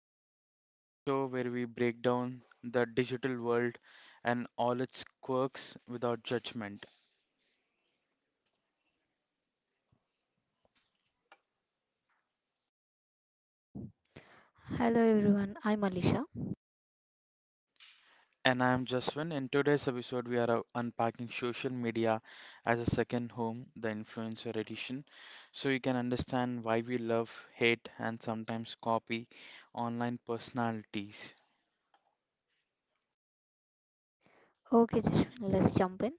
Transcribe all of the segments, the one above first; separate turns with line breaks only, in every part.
Edition, the show where we break down the digital world and all its quirks without judgment.
Hello everyone, I'm Alisha.
And I'm Jaswin. In today's episode, we are unpacking social media as a second home, the Influencer Edition, so you can understand why we love, hate, and sometimes copy online personalities.
Okay, Jashwin, let's jump in.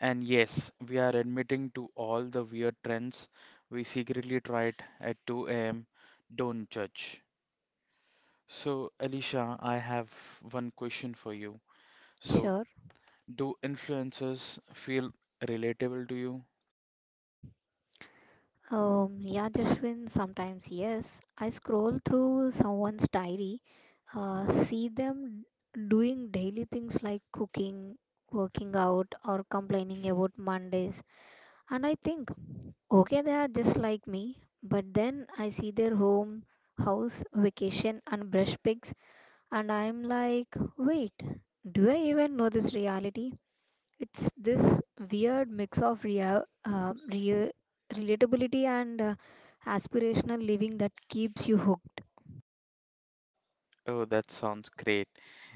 And yes, we are admitting to all the weird trends we secretly tried at 2 a.m. Don't judge. So, Alicia, I have one question for you. So,
Sure.
do influencers feel relatable to you?
Yeah, Jashwin, sometimes yes. I scroll through someone's diary, see them doing daily things like cooking, working out, or complaining about Mondays, and I think, okay, they are just like me. But then I see their home, house, vacation, and brush pigs, and I'm like, wait, do I even know this reality? It's this weird mix of relatability and aspirational living that keeps you hooked.
Oh, that sounds great.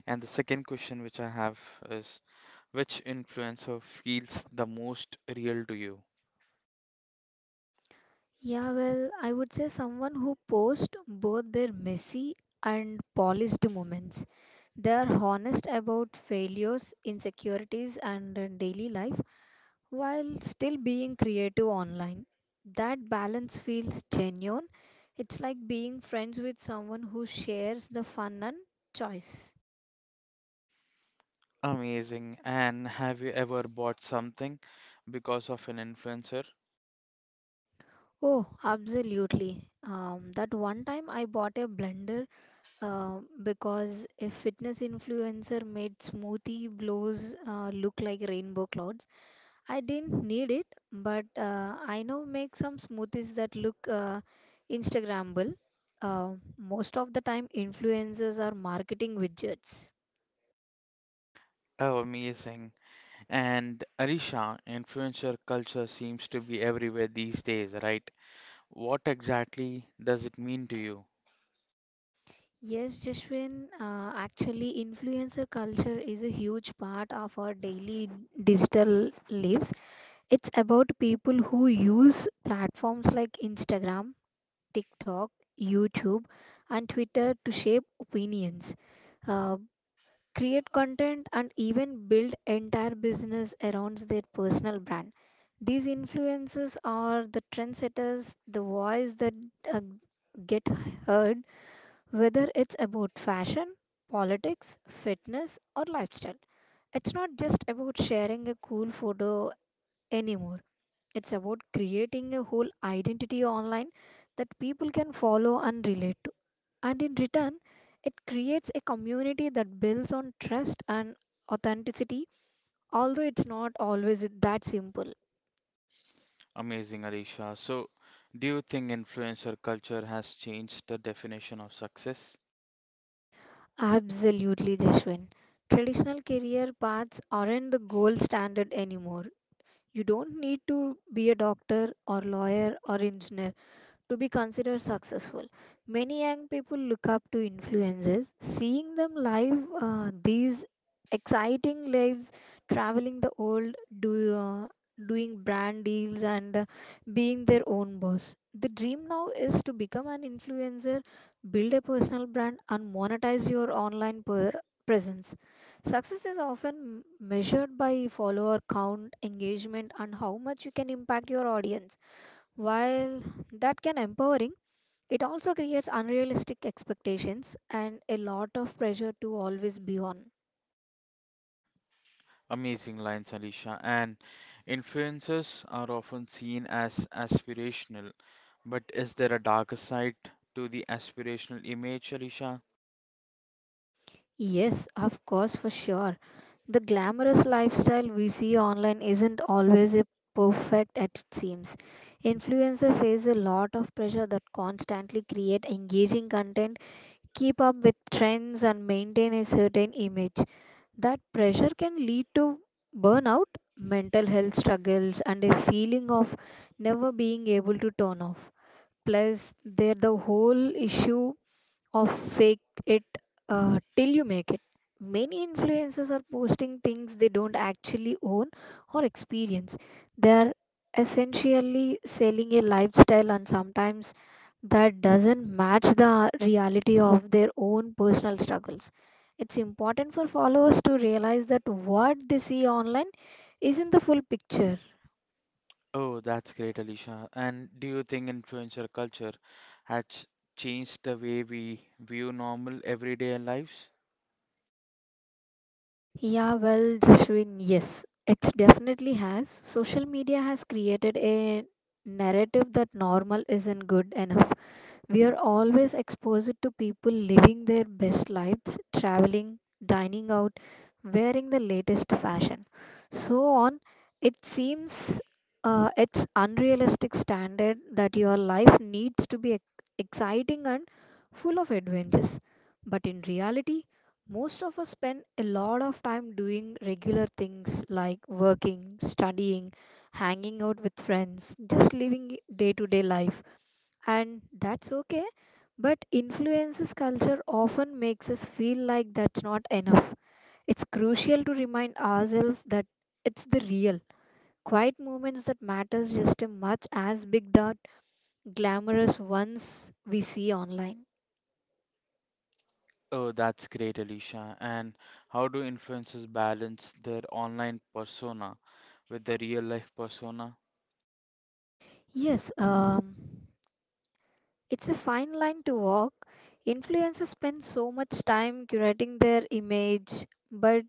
And the second question which I have is which influencer feels the most real to you?
Yeah, well, I would say someone who posts both their messy and polished moments. They are honest about failures, insecurities, and daily life while still being creative online. That balance feels genuine. It's like being friends with someone who shares the fun and choice.
Amazing. And have you ever bought something because of an influencer?
Oh, absolutely. That one time I bought a blender because a fitness influencer made smoothie blows look like rainbow clouds. I didn't need it, but I now make some smoothies that look Instagrammable. Uh, Most of the time, influencers are marketing widgets.
Oh, amazing. And Arisha, influencer culture seems to be everywhere these days, right? What exactly does it mean to you?
Yes, Jashwin, actually, influencer culture is a huge part of our daily digital lives. It's about people who use platforms like Instagram, TikTok, YouTube, and Twitter to shape opinions, uh, create content, and even build entire business around their personal brand. These influencers are the trendsetters, the voice that uh, get heard, whether it's about fashion, politics, fitness, or lifestyle. It's not just about sharing a cool photo anymore. It's about creating a whole identity online that people can follow and relate to. And in return, it creates a community that builds on trust and authenticity, although it's not always that simple.
Amazing, Arisha. So, do you think influencer culture has changed the definition of success?
Absolutely, Jashwin. Traditional career paths aren't the gold standard anymore. You don't need to be a doctor or lawyer or engineer to be considered successful. Many young people look up to influencers, seeing them live these exciting lives, traveling the world, do, uh, doing brand deals, and being their own boss. The dream now is to become an influencer, build a personal brand, and monetize your presence. Success is often measured by follower count, engagement, and how much you can impact your audience. While that can empowering, it also creates unrealistic expectations and a lot of pressure to always be on.
Amazing lines, Arisha. And influencers are often seen as aspirational, but is there a darker side to the aspirational image, Arisha?
Yes, of course, for sure. The glamorous lifestyle we see online isn't always a perfect at it seems. Influencer face a lot of pressure that constantly create engaging content, keep up with trends and maintain a certain image. That pressure can lead to burnout, mental health struggles, and a feeling of never being able to turn off. Plus, there the whole issue or fake it till you make it. Many influencers are posting things they don't actually own or experience. They're essentially selling a lifestyle, and sometimes that doesn't match the reality of their own personal struggles. It's important for followers to realize that what they see online isn't the full picture.
Oh, that's great, Alicia. And do you think influencer culture has changed the way we view normal everyday lives?
Yeah, well, Jashwin, yes, it definitely has. Social media has created a narrative that normal isn't good enough. We are always exposed to people living their best lives, traveling, dining out, wearing the latest fashion. So on, it seems it's unrealistic standard that your life needs to be exciting and full of adventures. But in reality, most of us spend a lot of time doing regular things like working, studying, hanging out with friends, just living day to day life, and that's okay, but influences culture often makes us feel like that's not enough. It's crucial to remind ourselves that it's the real quiet moments that matters just as much as big dot glamorous ones we see online.
Oh, that's great, Alicia. And how do influencers balance their online persona with their real life persona?
Yes. It's a fine line to walk. Influencers spend so much time curating their image, but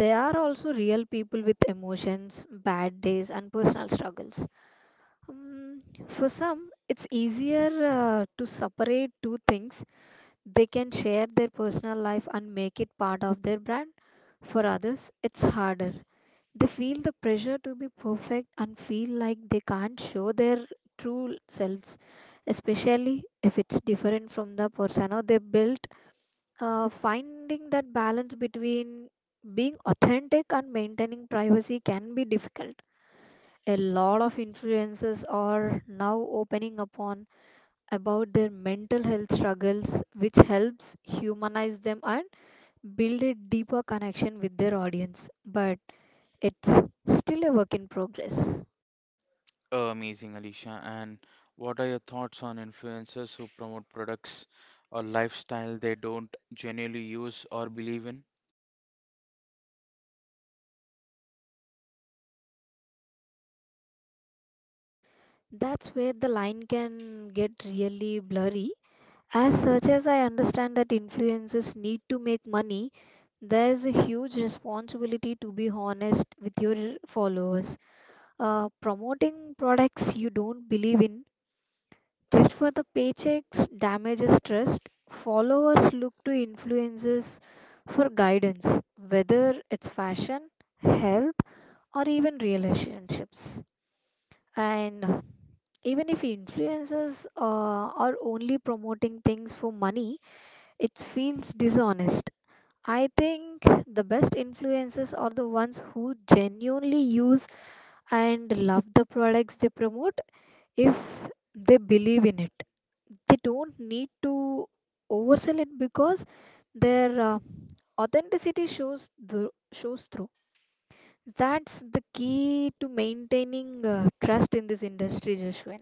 they are also real people with emotions, bad days and personal struggles. Um, for some, it's easier to separate two things. They can share their personal life and make it part of their brand. For others, it's harder. They feel the pressure to be perfect and feel like they can't show their true selves, especially if it's different from the persona they built. Finding that balance between being authentic and maintaining privacy can be difficult. A lot of influencers are now opening upon about their mental health struggles, which helps humanize them and build a deeper connection with their audience, but it's still a work in progress.
Oh, amazing, Alicia. And what are your thoughts on influencers who promote products or lifestyle they don't genuinely use or believe in?
That's where the line can get really blurry. As such as I understand that influencers need to make money, there's a huge responsibility to be honest with your followers. Promoting products you don't believe in just for the paychecks damages trust. Followers look to influences for guidance, whether it's fashion, health, or even relationships. And even if influencers are only promoting things for money, it feels dishonest. I think the best influencers are the ones who genuinely use and love the products they promote. If they believe in it, they don't need to oversell it because their authenticity shows through. That's the key to maintaining trust in this industry, Joshua.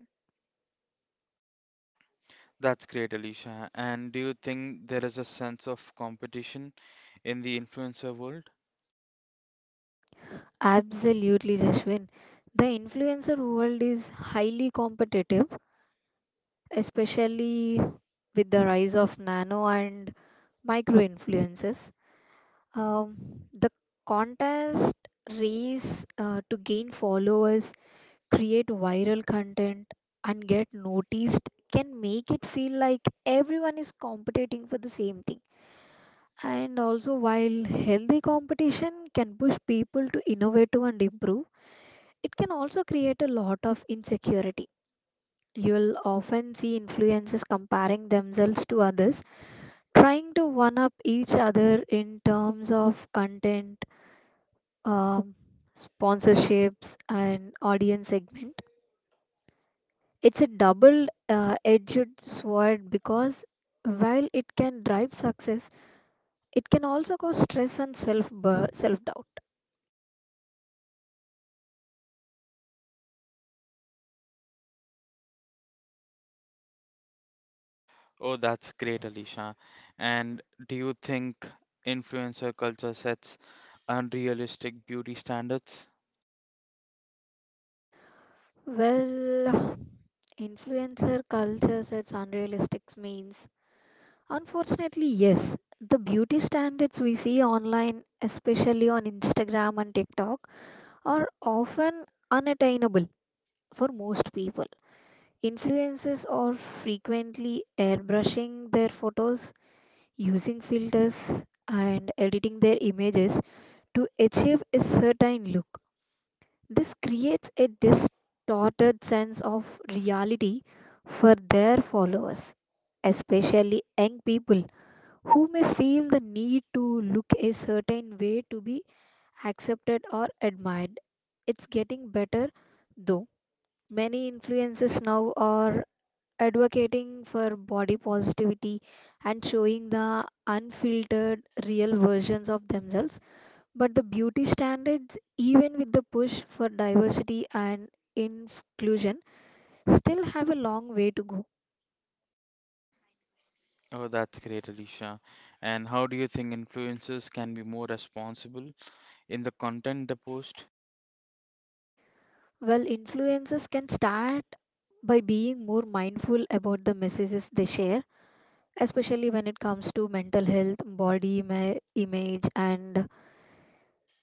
That's great, Alicia. And do you think there is a sense of competition in the influencer world?
Absolutely, Joshua. The influencer world is highly competitive, especially with the rise of nano and micro influencers. um, the contest race to gain followers, create viral content, and get noticed can make it feel like everyone is competing for the same thing. And also, while healthy competition can push people to innovate and improve, it can also create a lot of insecurity. You'll often see influencers comparing themselves to others, trying to one up each other in terms of content, um, sponsorships, and audience segment. It's a double edged sword because while it can drive success, it can also cause stress and self doubt.
Oh, that's great, Alicia. And do you think influencer culture sets unrealistic beauty standards?
Well, influencer culture sets unrealistic means. Unfortunately, yes, the beauty standards we see online, especially on Instagram and TikTok, are often unattainable for most people. Influencers are frequently airbrushing their photos, using filters, and editing their images to achieve a certain look. This creates a distorted sense of reality for their followers, especially young people who may feel the need to look a certain way to be accepted or admired. It's getting better though. Many influences now are advocating for body positivity and showing the unfiltered real versions of themselves. But the beauty standards, even with the push for diversity and inclusion, still have a long way to go.
Oh, that's great, Alicia. And how do you think influencers can be more responsible in the content they post?
Well, influencers can start by being more mindful about the messages they share, especially when it comes to mental health, image, and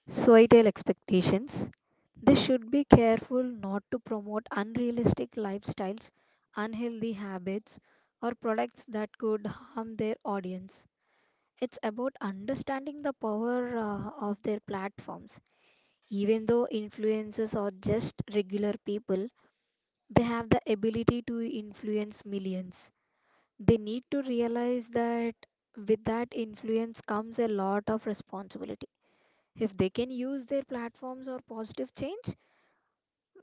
societal expectations. They should be careful not to promote unrealistic lifestyles, unhealthy habits, or products that could harm their audience. It's about understanding the power of their platforms. Even though influencers are just regular people, they have the ability to influence millions. They need to realize that with that influence comes a lot of responsibility. If they can use their platforms or positive change,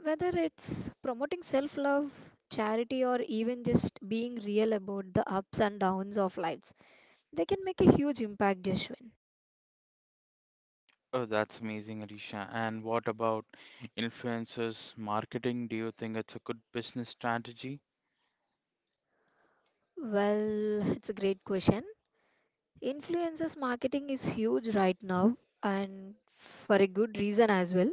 whether it's promoting self love, charity, or even just being real about the ups and downs of lives, they can make a huge impact, Jashwin.
Oh, that's amazing, Alicia. And what about influencers marketing? Do you think it's a good business strategy?
Well, it's a great question. Influencers marketing is huge right now and for a good reason as well.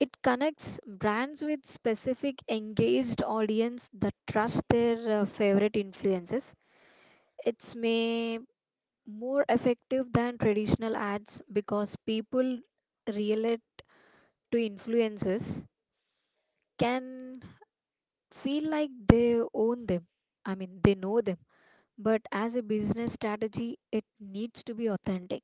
It connects brands with specific engaged audience that trust their favorite influencers. It's may more effective than traditional ads because people relate to influences, can feel like they own them, they know them. But as a business strategy, it needs to be authentic.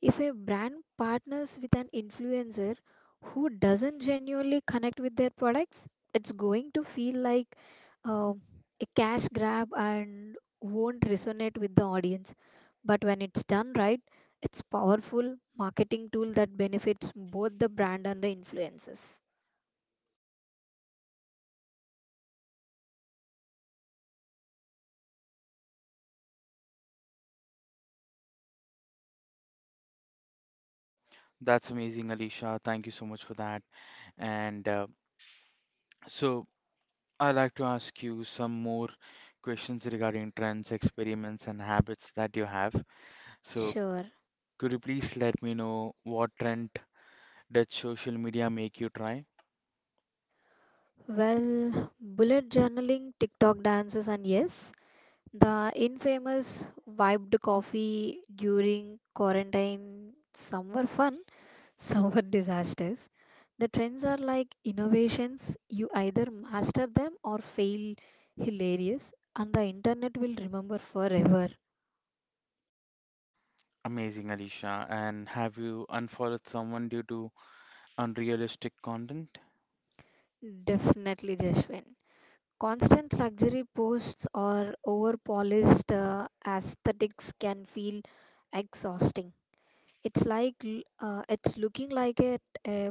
If a brand partners with an influencer who doesn't genuinely connect with their products, it's going to feel like uh, a cash grab and won't resonate with the audience. But when it's done right, it's powerful marketing tool that benefits both the brand and the influencers.
That's amazing, Alicia. Thank you so much for that. And so, I'd like to ask you some more questions regarding trends, experiments, and habits that you have. So,
Sure.
could you please let me know what trend did social media make you try?
Well, bullet journaling, TikTok dances, and yes, the infamous wiped coffee during quarantine, some were fun, some were disasters. The trends are like innovations, you either master them or fail hilarious, and the internet will remember forever.
Amazing, Alicia. And have you unfollowed someone due to unrealistic content?
Definitely, Jashwin. Constant luxury posts or over polished aesthetics can feel exhausting. It's like it's looking like a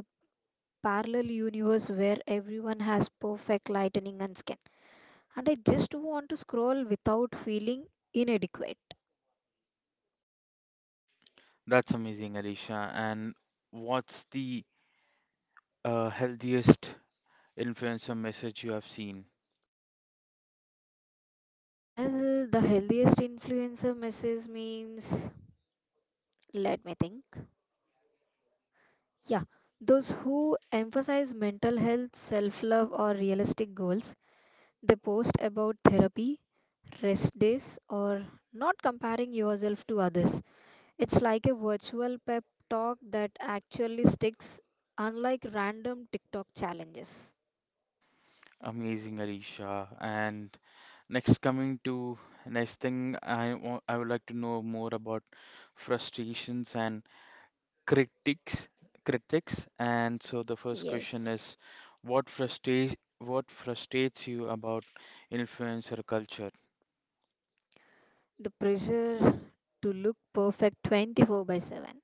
parallel universe where everyone has perfect lightning and skin, and I just want to scroll without feeling inadequate.
That's amazing, Alicia. And what's the healthiest influencer message you have seen?
Well, the healthiest influencer message means, let me think. Yeah, those who emphasize mental health, self love, or realistic goals, they post about therapy, rest days, or not comparing yourself to others. It's like a virtual pep talk that actually sticks, unlike random TikTok challenges.
Amazing, Alicia. And Next, coming to next thing, I would like to know more about frustrations and critics critics. And so the first question
Yes,
is, what frustrates what frustrates you about influencer culture?
the pressure to look perfect 24 by 7.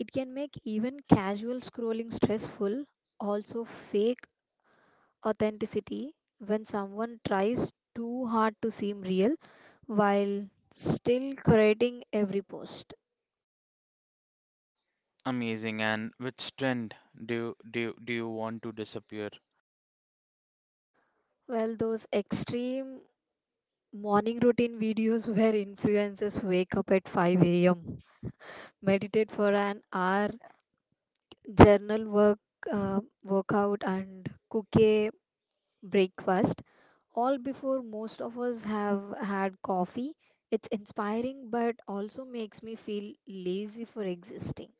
It can make even casual scrolling stressful, also fake authenticity when someone tries too hard to seem real while still creating every post.
Amazing. And which trend do you want to disappear?
Well, those extreme morning routine videos where influencers wake up at 5 a.m meditate for an hour, journal work, workout, and cook a breakfast. All before most of us have had coffee. It's inspiring, but also makes me feel lazy for existing.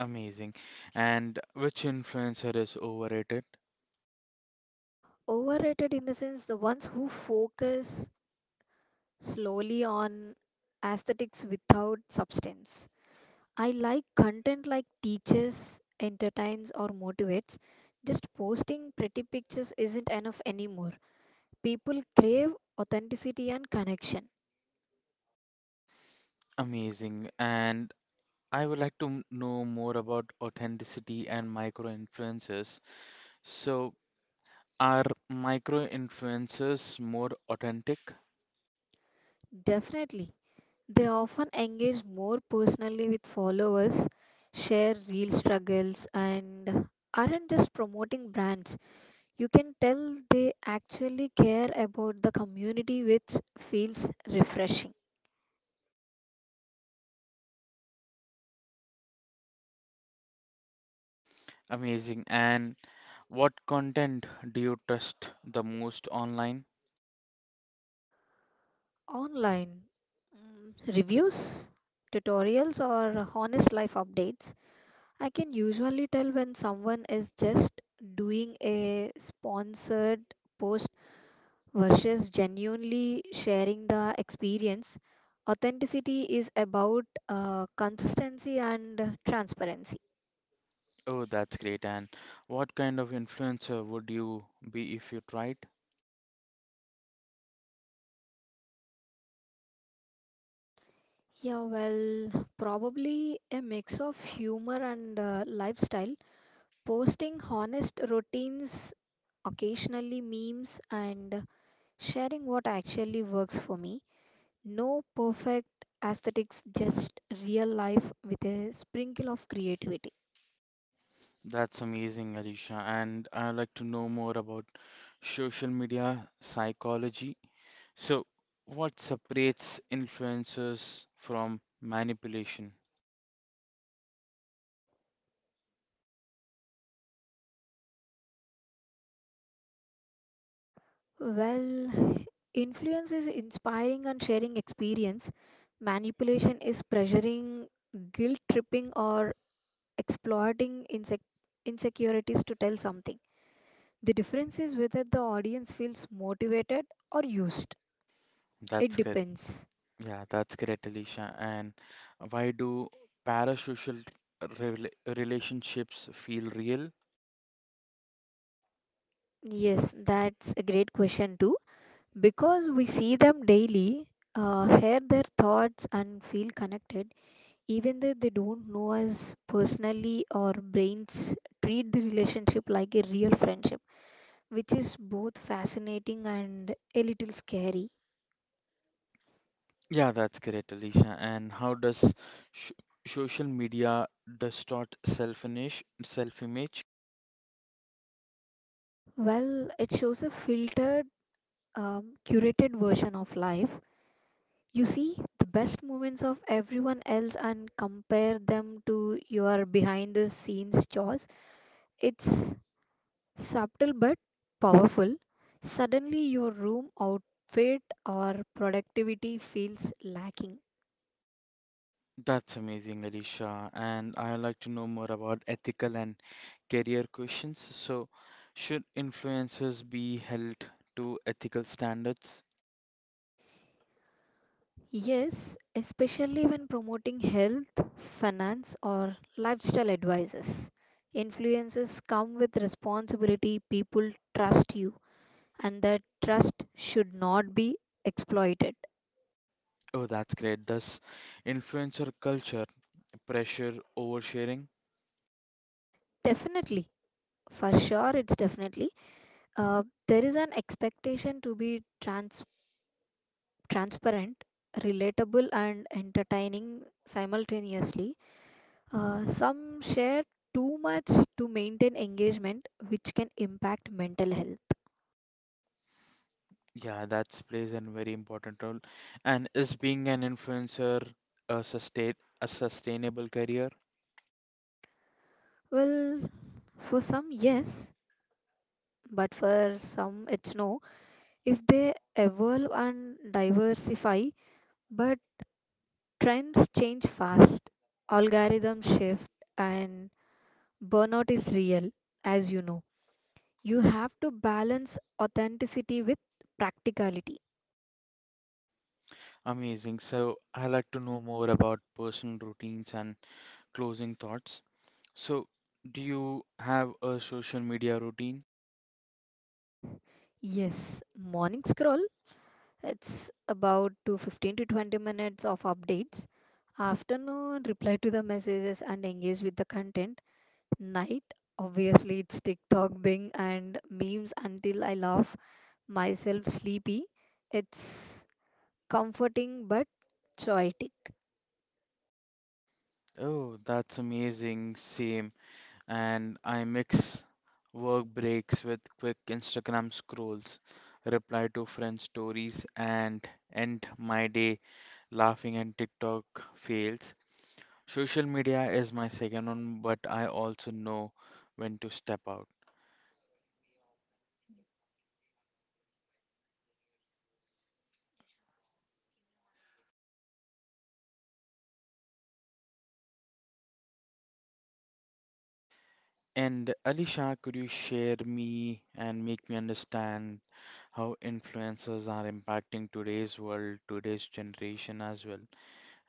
Amazing. And which influencer is overrated?
Overrated in the sense the ones who focus slowly on aesthetics without substance. I like content like teaches, entertains, or motivates. Just posting pretty pictures isn't enough anymore. People crave authenticity and connection.
Amazing. And I would like to know more about authenticity and micro influencers. So, are micro influencers more authentic?
Definitely. They often engage more personally with followers, share real struggles, and aren't just promoting brands. You can tell they actually care about the community, which feels refreshing.
Amazing. And what content do you trust the most online?
Online reviews, tutorials, or honest life updates. I can usually tell when someone is just doing a sponsored post versus genuinely sharing the experience. Authenticity is about consistency and transparency.
Oh, that's great. And what kind of influencer would you be if you tried?
Yeah, well, probably a mix of humor and lifestyle. Posting honest routines, occasionally memes, and sharing what actually works for me. No perfect aesthetics, just real life with a sprinkle of creativity.
That's amazing, Alicia. And I'd like to know more about social media psychology. So, what separates influencers from manipulation?
Well, influence is inspiring and sharing experience. Manipulation is pressuring, guilt tripping, or exploiting insecurities to tell something. The difference is whether the audience feels motivated or used. It
That's good.
depends.
Yeah, that's great, Alicia. And why do parasocial rela relationships feel real?
Yes, that's a great question too. Because we see them daily, hear their thoughts, and feel connected, even though they don't know us personally, our brains treat the relationship like a real friendship, which is both fascinating and a little scary.
Yeah, that's great, Alicia. And how does sh social media distort self-image?
Well, it shows a filtered curated version of life. You see the best moments of everyone else and compare them to your behind the scenes chores. It's subtle but powerful. Suddenly your room, outfit, or productivity feels lacking.
That's amazing, Alicia. And I'd like to know more about ethical and career questions. So, should influencers be held to ethical standards?
Yes, especially when promoting health, finance, or lifestyle advices. Influences come with responsibility, people trust you, and that trust should not be exploited.
Oh, that's great. Does influencer culture pressure oversharing?
Definitely, for sure, it's definitely. Uh, there is an expectation to be transparent, relatable, and entertaining simultaneously. Some share too much to maintain engagement, which can impact mental health.
Yeah, that's plays a very important role. And is being an influencer a sustain a sustainable career?
Well, for some, yes, but for some, it's no. If they evolve and diversify, but trends change fast, algorithms shift, and burnout is real, as you know. You have to balance authenticity with practicality.
Amazing. So I like to know more about personal routines and closing thoughts. So do you have a social media routine?
Yes, morning scroll, it's about to 15 to 20 minutes of updates. Afternoon, reply to the messages and engage with the content. Night, obviously, it's TikTok, Bing, and memes until I laugh myself sleepy. It's comforting but choitic.
Oh, that's amazing. Same. And I mix work breaks with quick Instagram scrolls, reply to friend stories, and end my day laughing and TikTok fails. Social media is my second one, but I also know when to step out. And Alisha, could you share me and make me understand how influencers are impacting today's world, today's generation as well?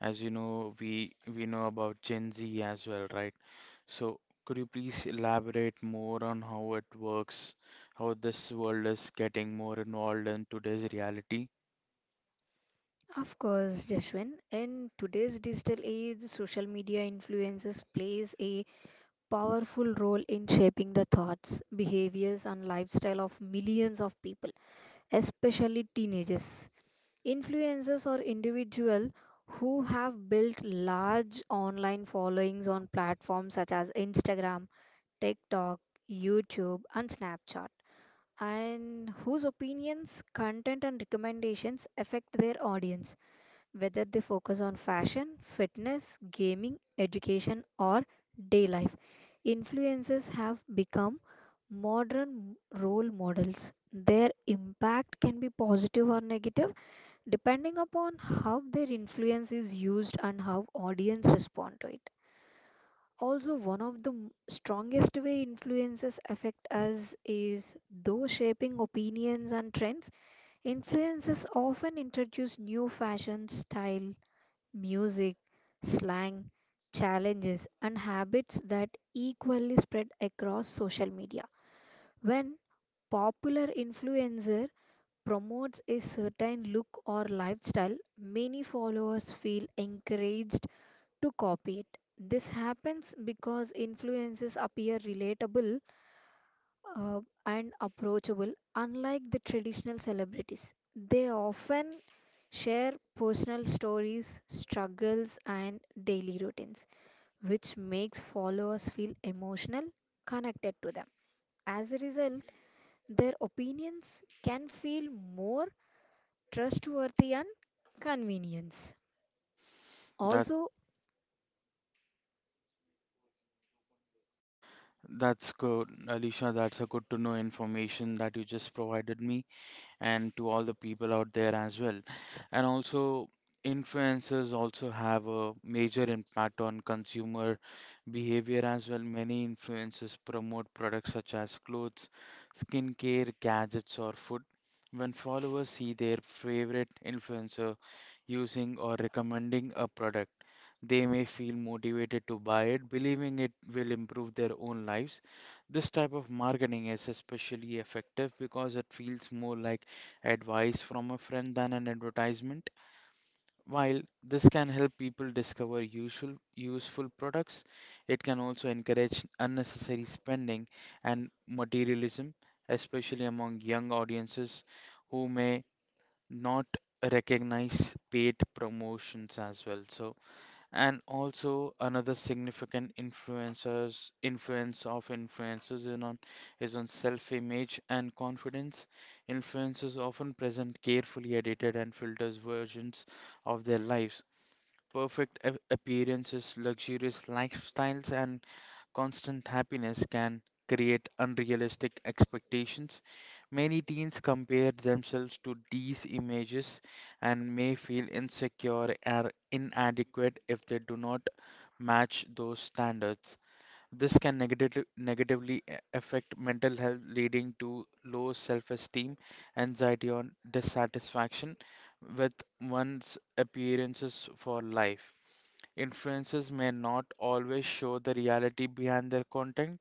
As you know, we know about Gen Z as well, right? So could you please elaborate more on how it works, how this world is getting more involved in today's reality?
Of course, Jashwin, in today's digital age, social media influences plays a powerful role in shaping the thoughts, behaviors, and lifestyle of millions of people, especially teenagers. Influencers or individuals who have built large online followings on platforms such as Instagram, TikTok, YouTube, and Snapchat, and whose opinions, content, and recommendations affect their audience whether they focus on fashion, fitness, gaming, education, or day life. Influencers have become modern role models. Their impact can be positive or negative depending upon how their influence is used and how audience respond to it. Also, one of the strongest way influences affect us is though shaping opinions and trends. Influences often introduce new fashion, style, music, slang, challenges, and habits that equally spread across social media. When popular influencer promotes a certain look or lifestyle, many followers feel encouraged to copy it. This happens because influences appear relatable and approachable, unlike the traditional celebrities. They often share personal stories, struggles, and daily routines, which makes followers feel emotional connected to them. As a result, their opinions can feel more trustworthy and convenience. Also,
That's good, Alicia. That's a good to know information that you just provided me and to all the people out there as well. And also, influencers also have a major impact on consumer behavior as well. Many influencers promote products such as clothes, skincare, gadgets, or food. When followers see their favorite influencer using or recommending a product, they may feel motivated to buy it, believing it will improve their own lives. This type of marketing is especially effective because it feels more like advice from a friend than an advertisement. While this can help people discover usual useful products, it can also encourage unnecessary spending and materialism, especially among young audiences who may not recognize paid promotions as well. So and also another significant influence of influencers in on is on self-image and confidence influencers often present carefully edited and filtered versions of their lives perfect appearances luxurious lifestyles and constant happiness can create unrealistic expectations. Many teens compare themselves to these images and may feel insecure or inadequate if they do not match those standards. This can negatively affect mental health, leading to low self esteem, anxiety, or dissatisfaction with one's appearances for life. Influencers may not always show the reality behind their content,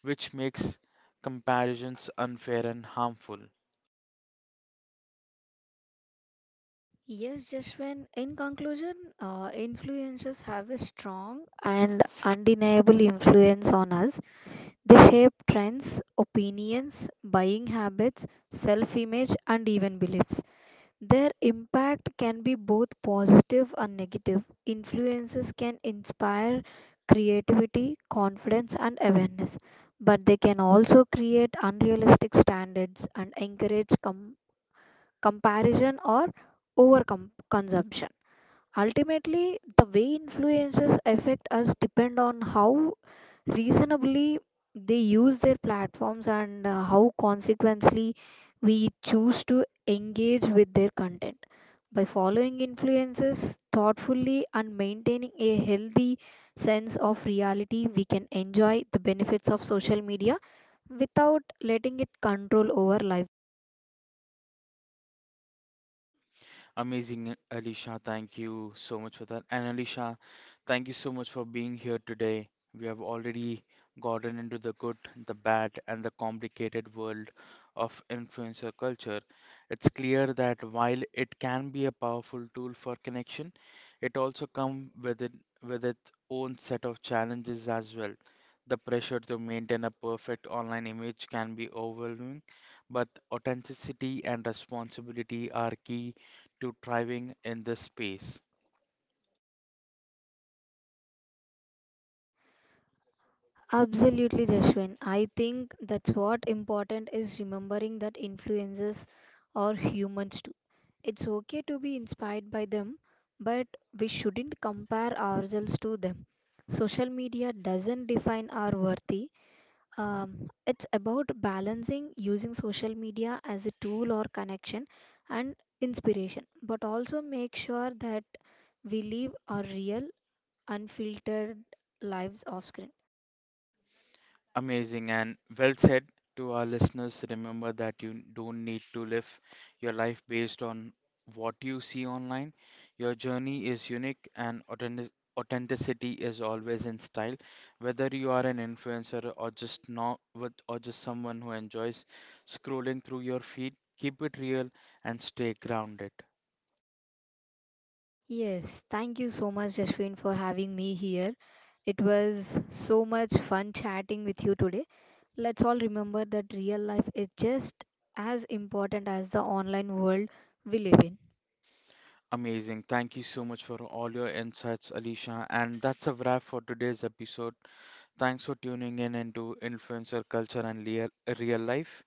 which makes comparisons unfair and harmful.
yes, Jashwin, in conclusion, influencers have a strong and undeniable influence on us. They shape trends, opinions, buying habits, self image, and even beliefs. Their impact can be both positive and negative. Influences can inspire creativity, confidence, and awareness, but they can also create unrealistic standards and encourage comparison or over consumption. Ultimately, the way influencers affect us depend on how reasonably they use their platforms and how consequently we choose to engage with their content. By following influencers thoughtfully and maintaining a healthy sense of reality, we can enjoy the benefits of social media without letting it control our lives.
Amazing, Alicia. Thank you so much for that. And Alicia, thank you so much for being here today. We have already gotten into the good, the bad, and the complicated world of influencer culture. It's clear that while it can be a powerful tool for connection, it also comes with its own set of challenges as well. The pressure to maintain a perfect online image can be overwhelming, but authenticity and responsibility are key to thriving in this space.
Absolutely, Jashwin. I think that's what important is remembering that influences are humans too. It's okay to be inspired by them, but we shouldn't compare ourselves to them. Social media doesn't define our worthy. It's about balancing using social media as a tool or connection and inspiration, but also make sure that we live our real, unfiltered lives off screen.
Amazing and well said to our listeners. Remember that you don't need to live your life based on what you see online. Your journey is unique and authenticity is always in style. Whether you are an influencer or just not with or just someone who enjoys scrolling through your feed, keep it real and stay grounded.
Yes, thank you so much, Jashwin, for having me here. It was so much fun chatting with you today. Let's all remember that real life is just as important as the online world we live in.
Amazing. Thank you so much for all your insights, Alicia. And that's a wrap for today's episode. Thanks for tuning in into Influencer Culture and Real Life.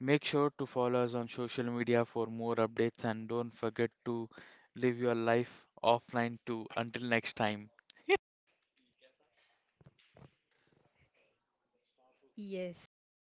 Make sure to follow us on social media for more updates and don't forget to live your life offline too. Until next time.
Yes.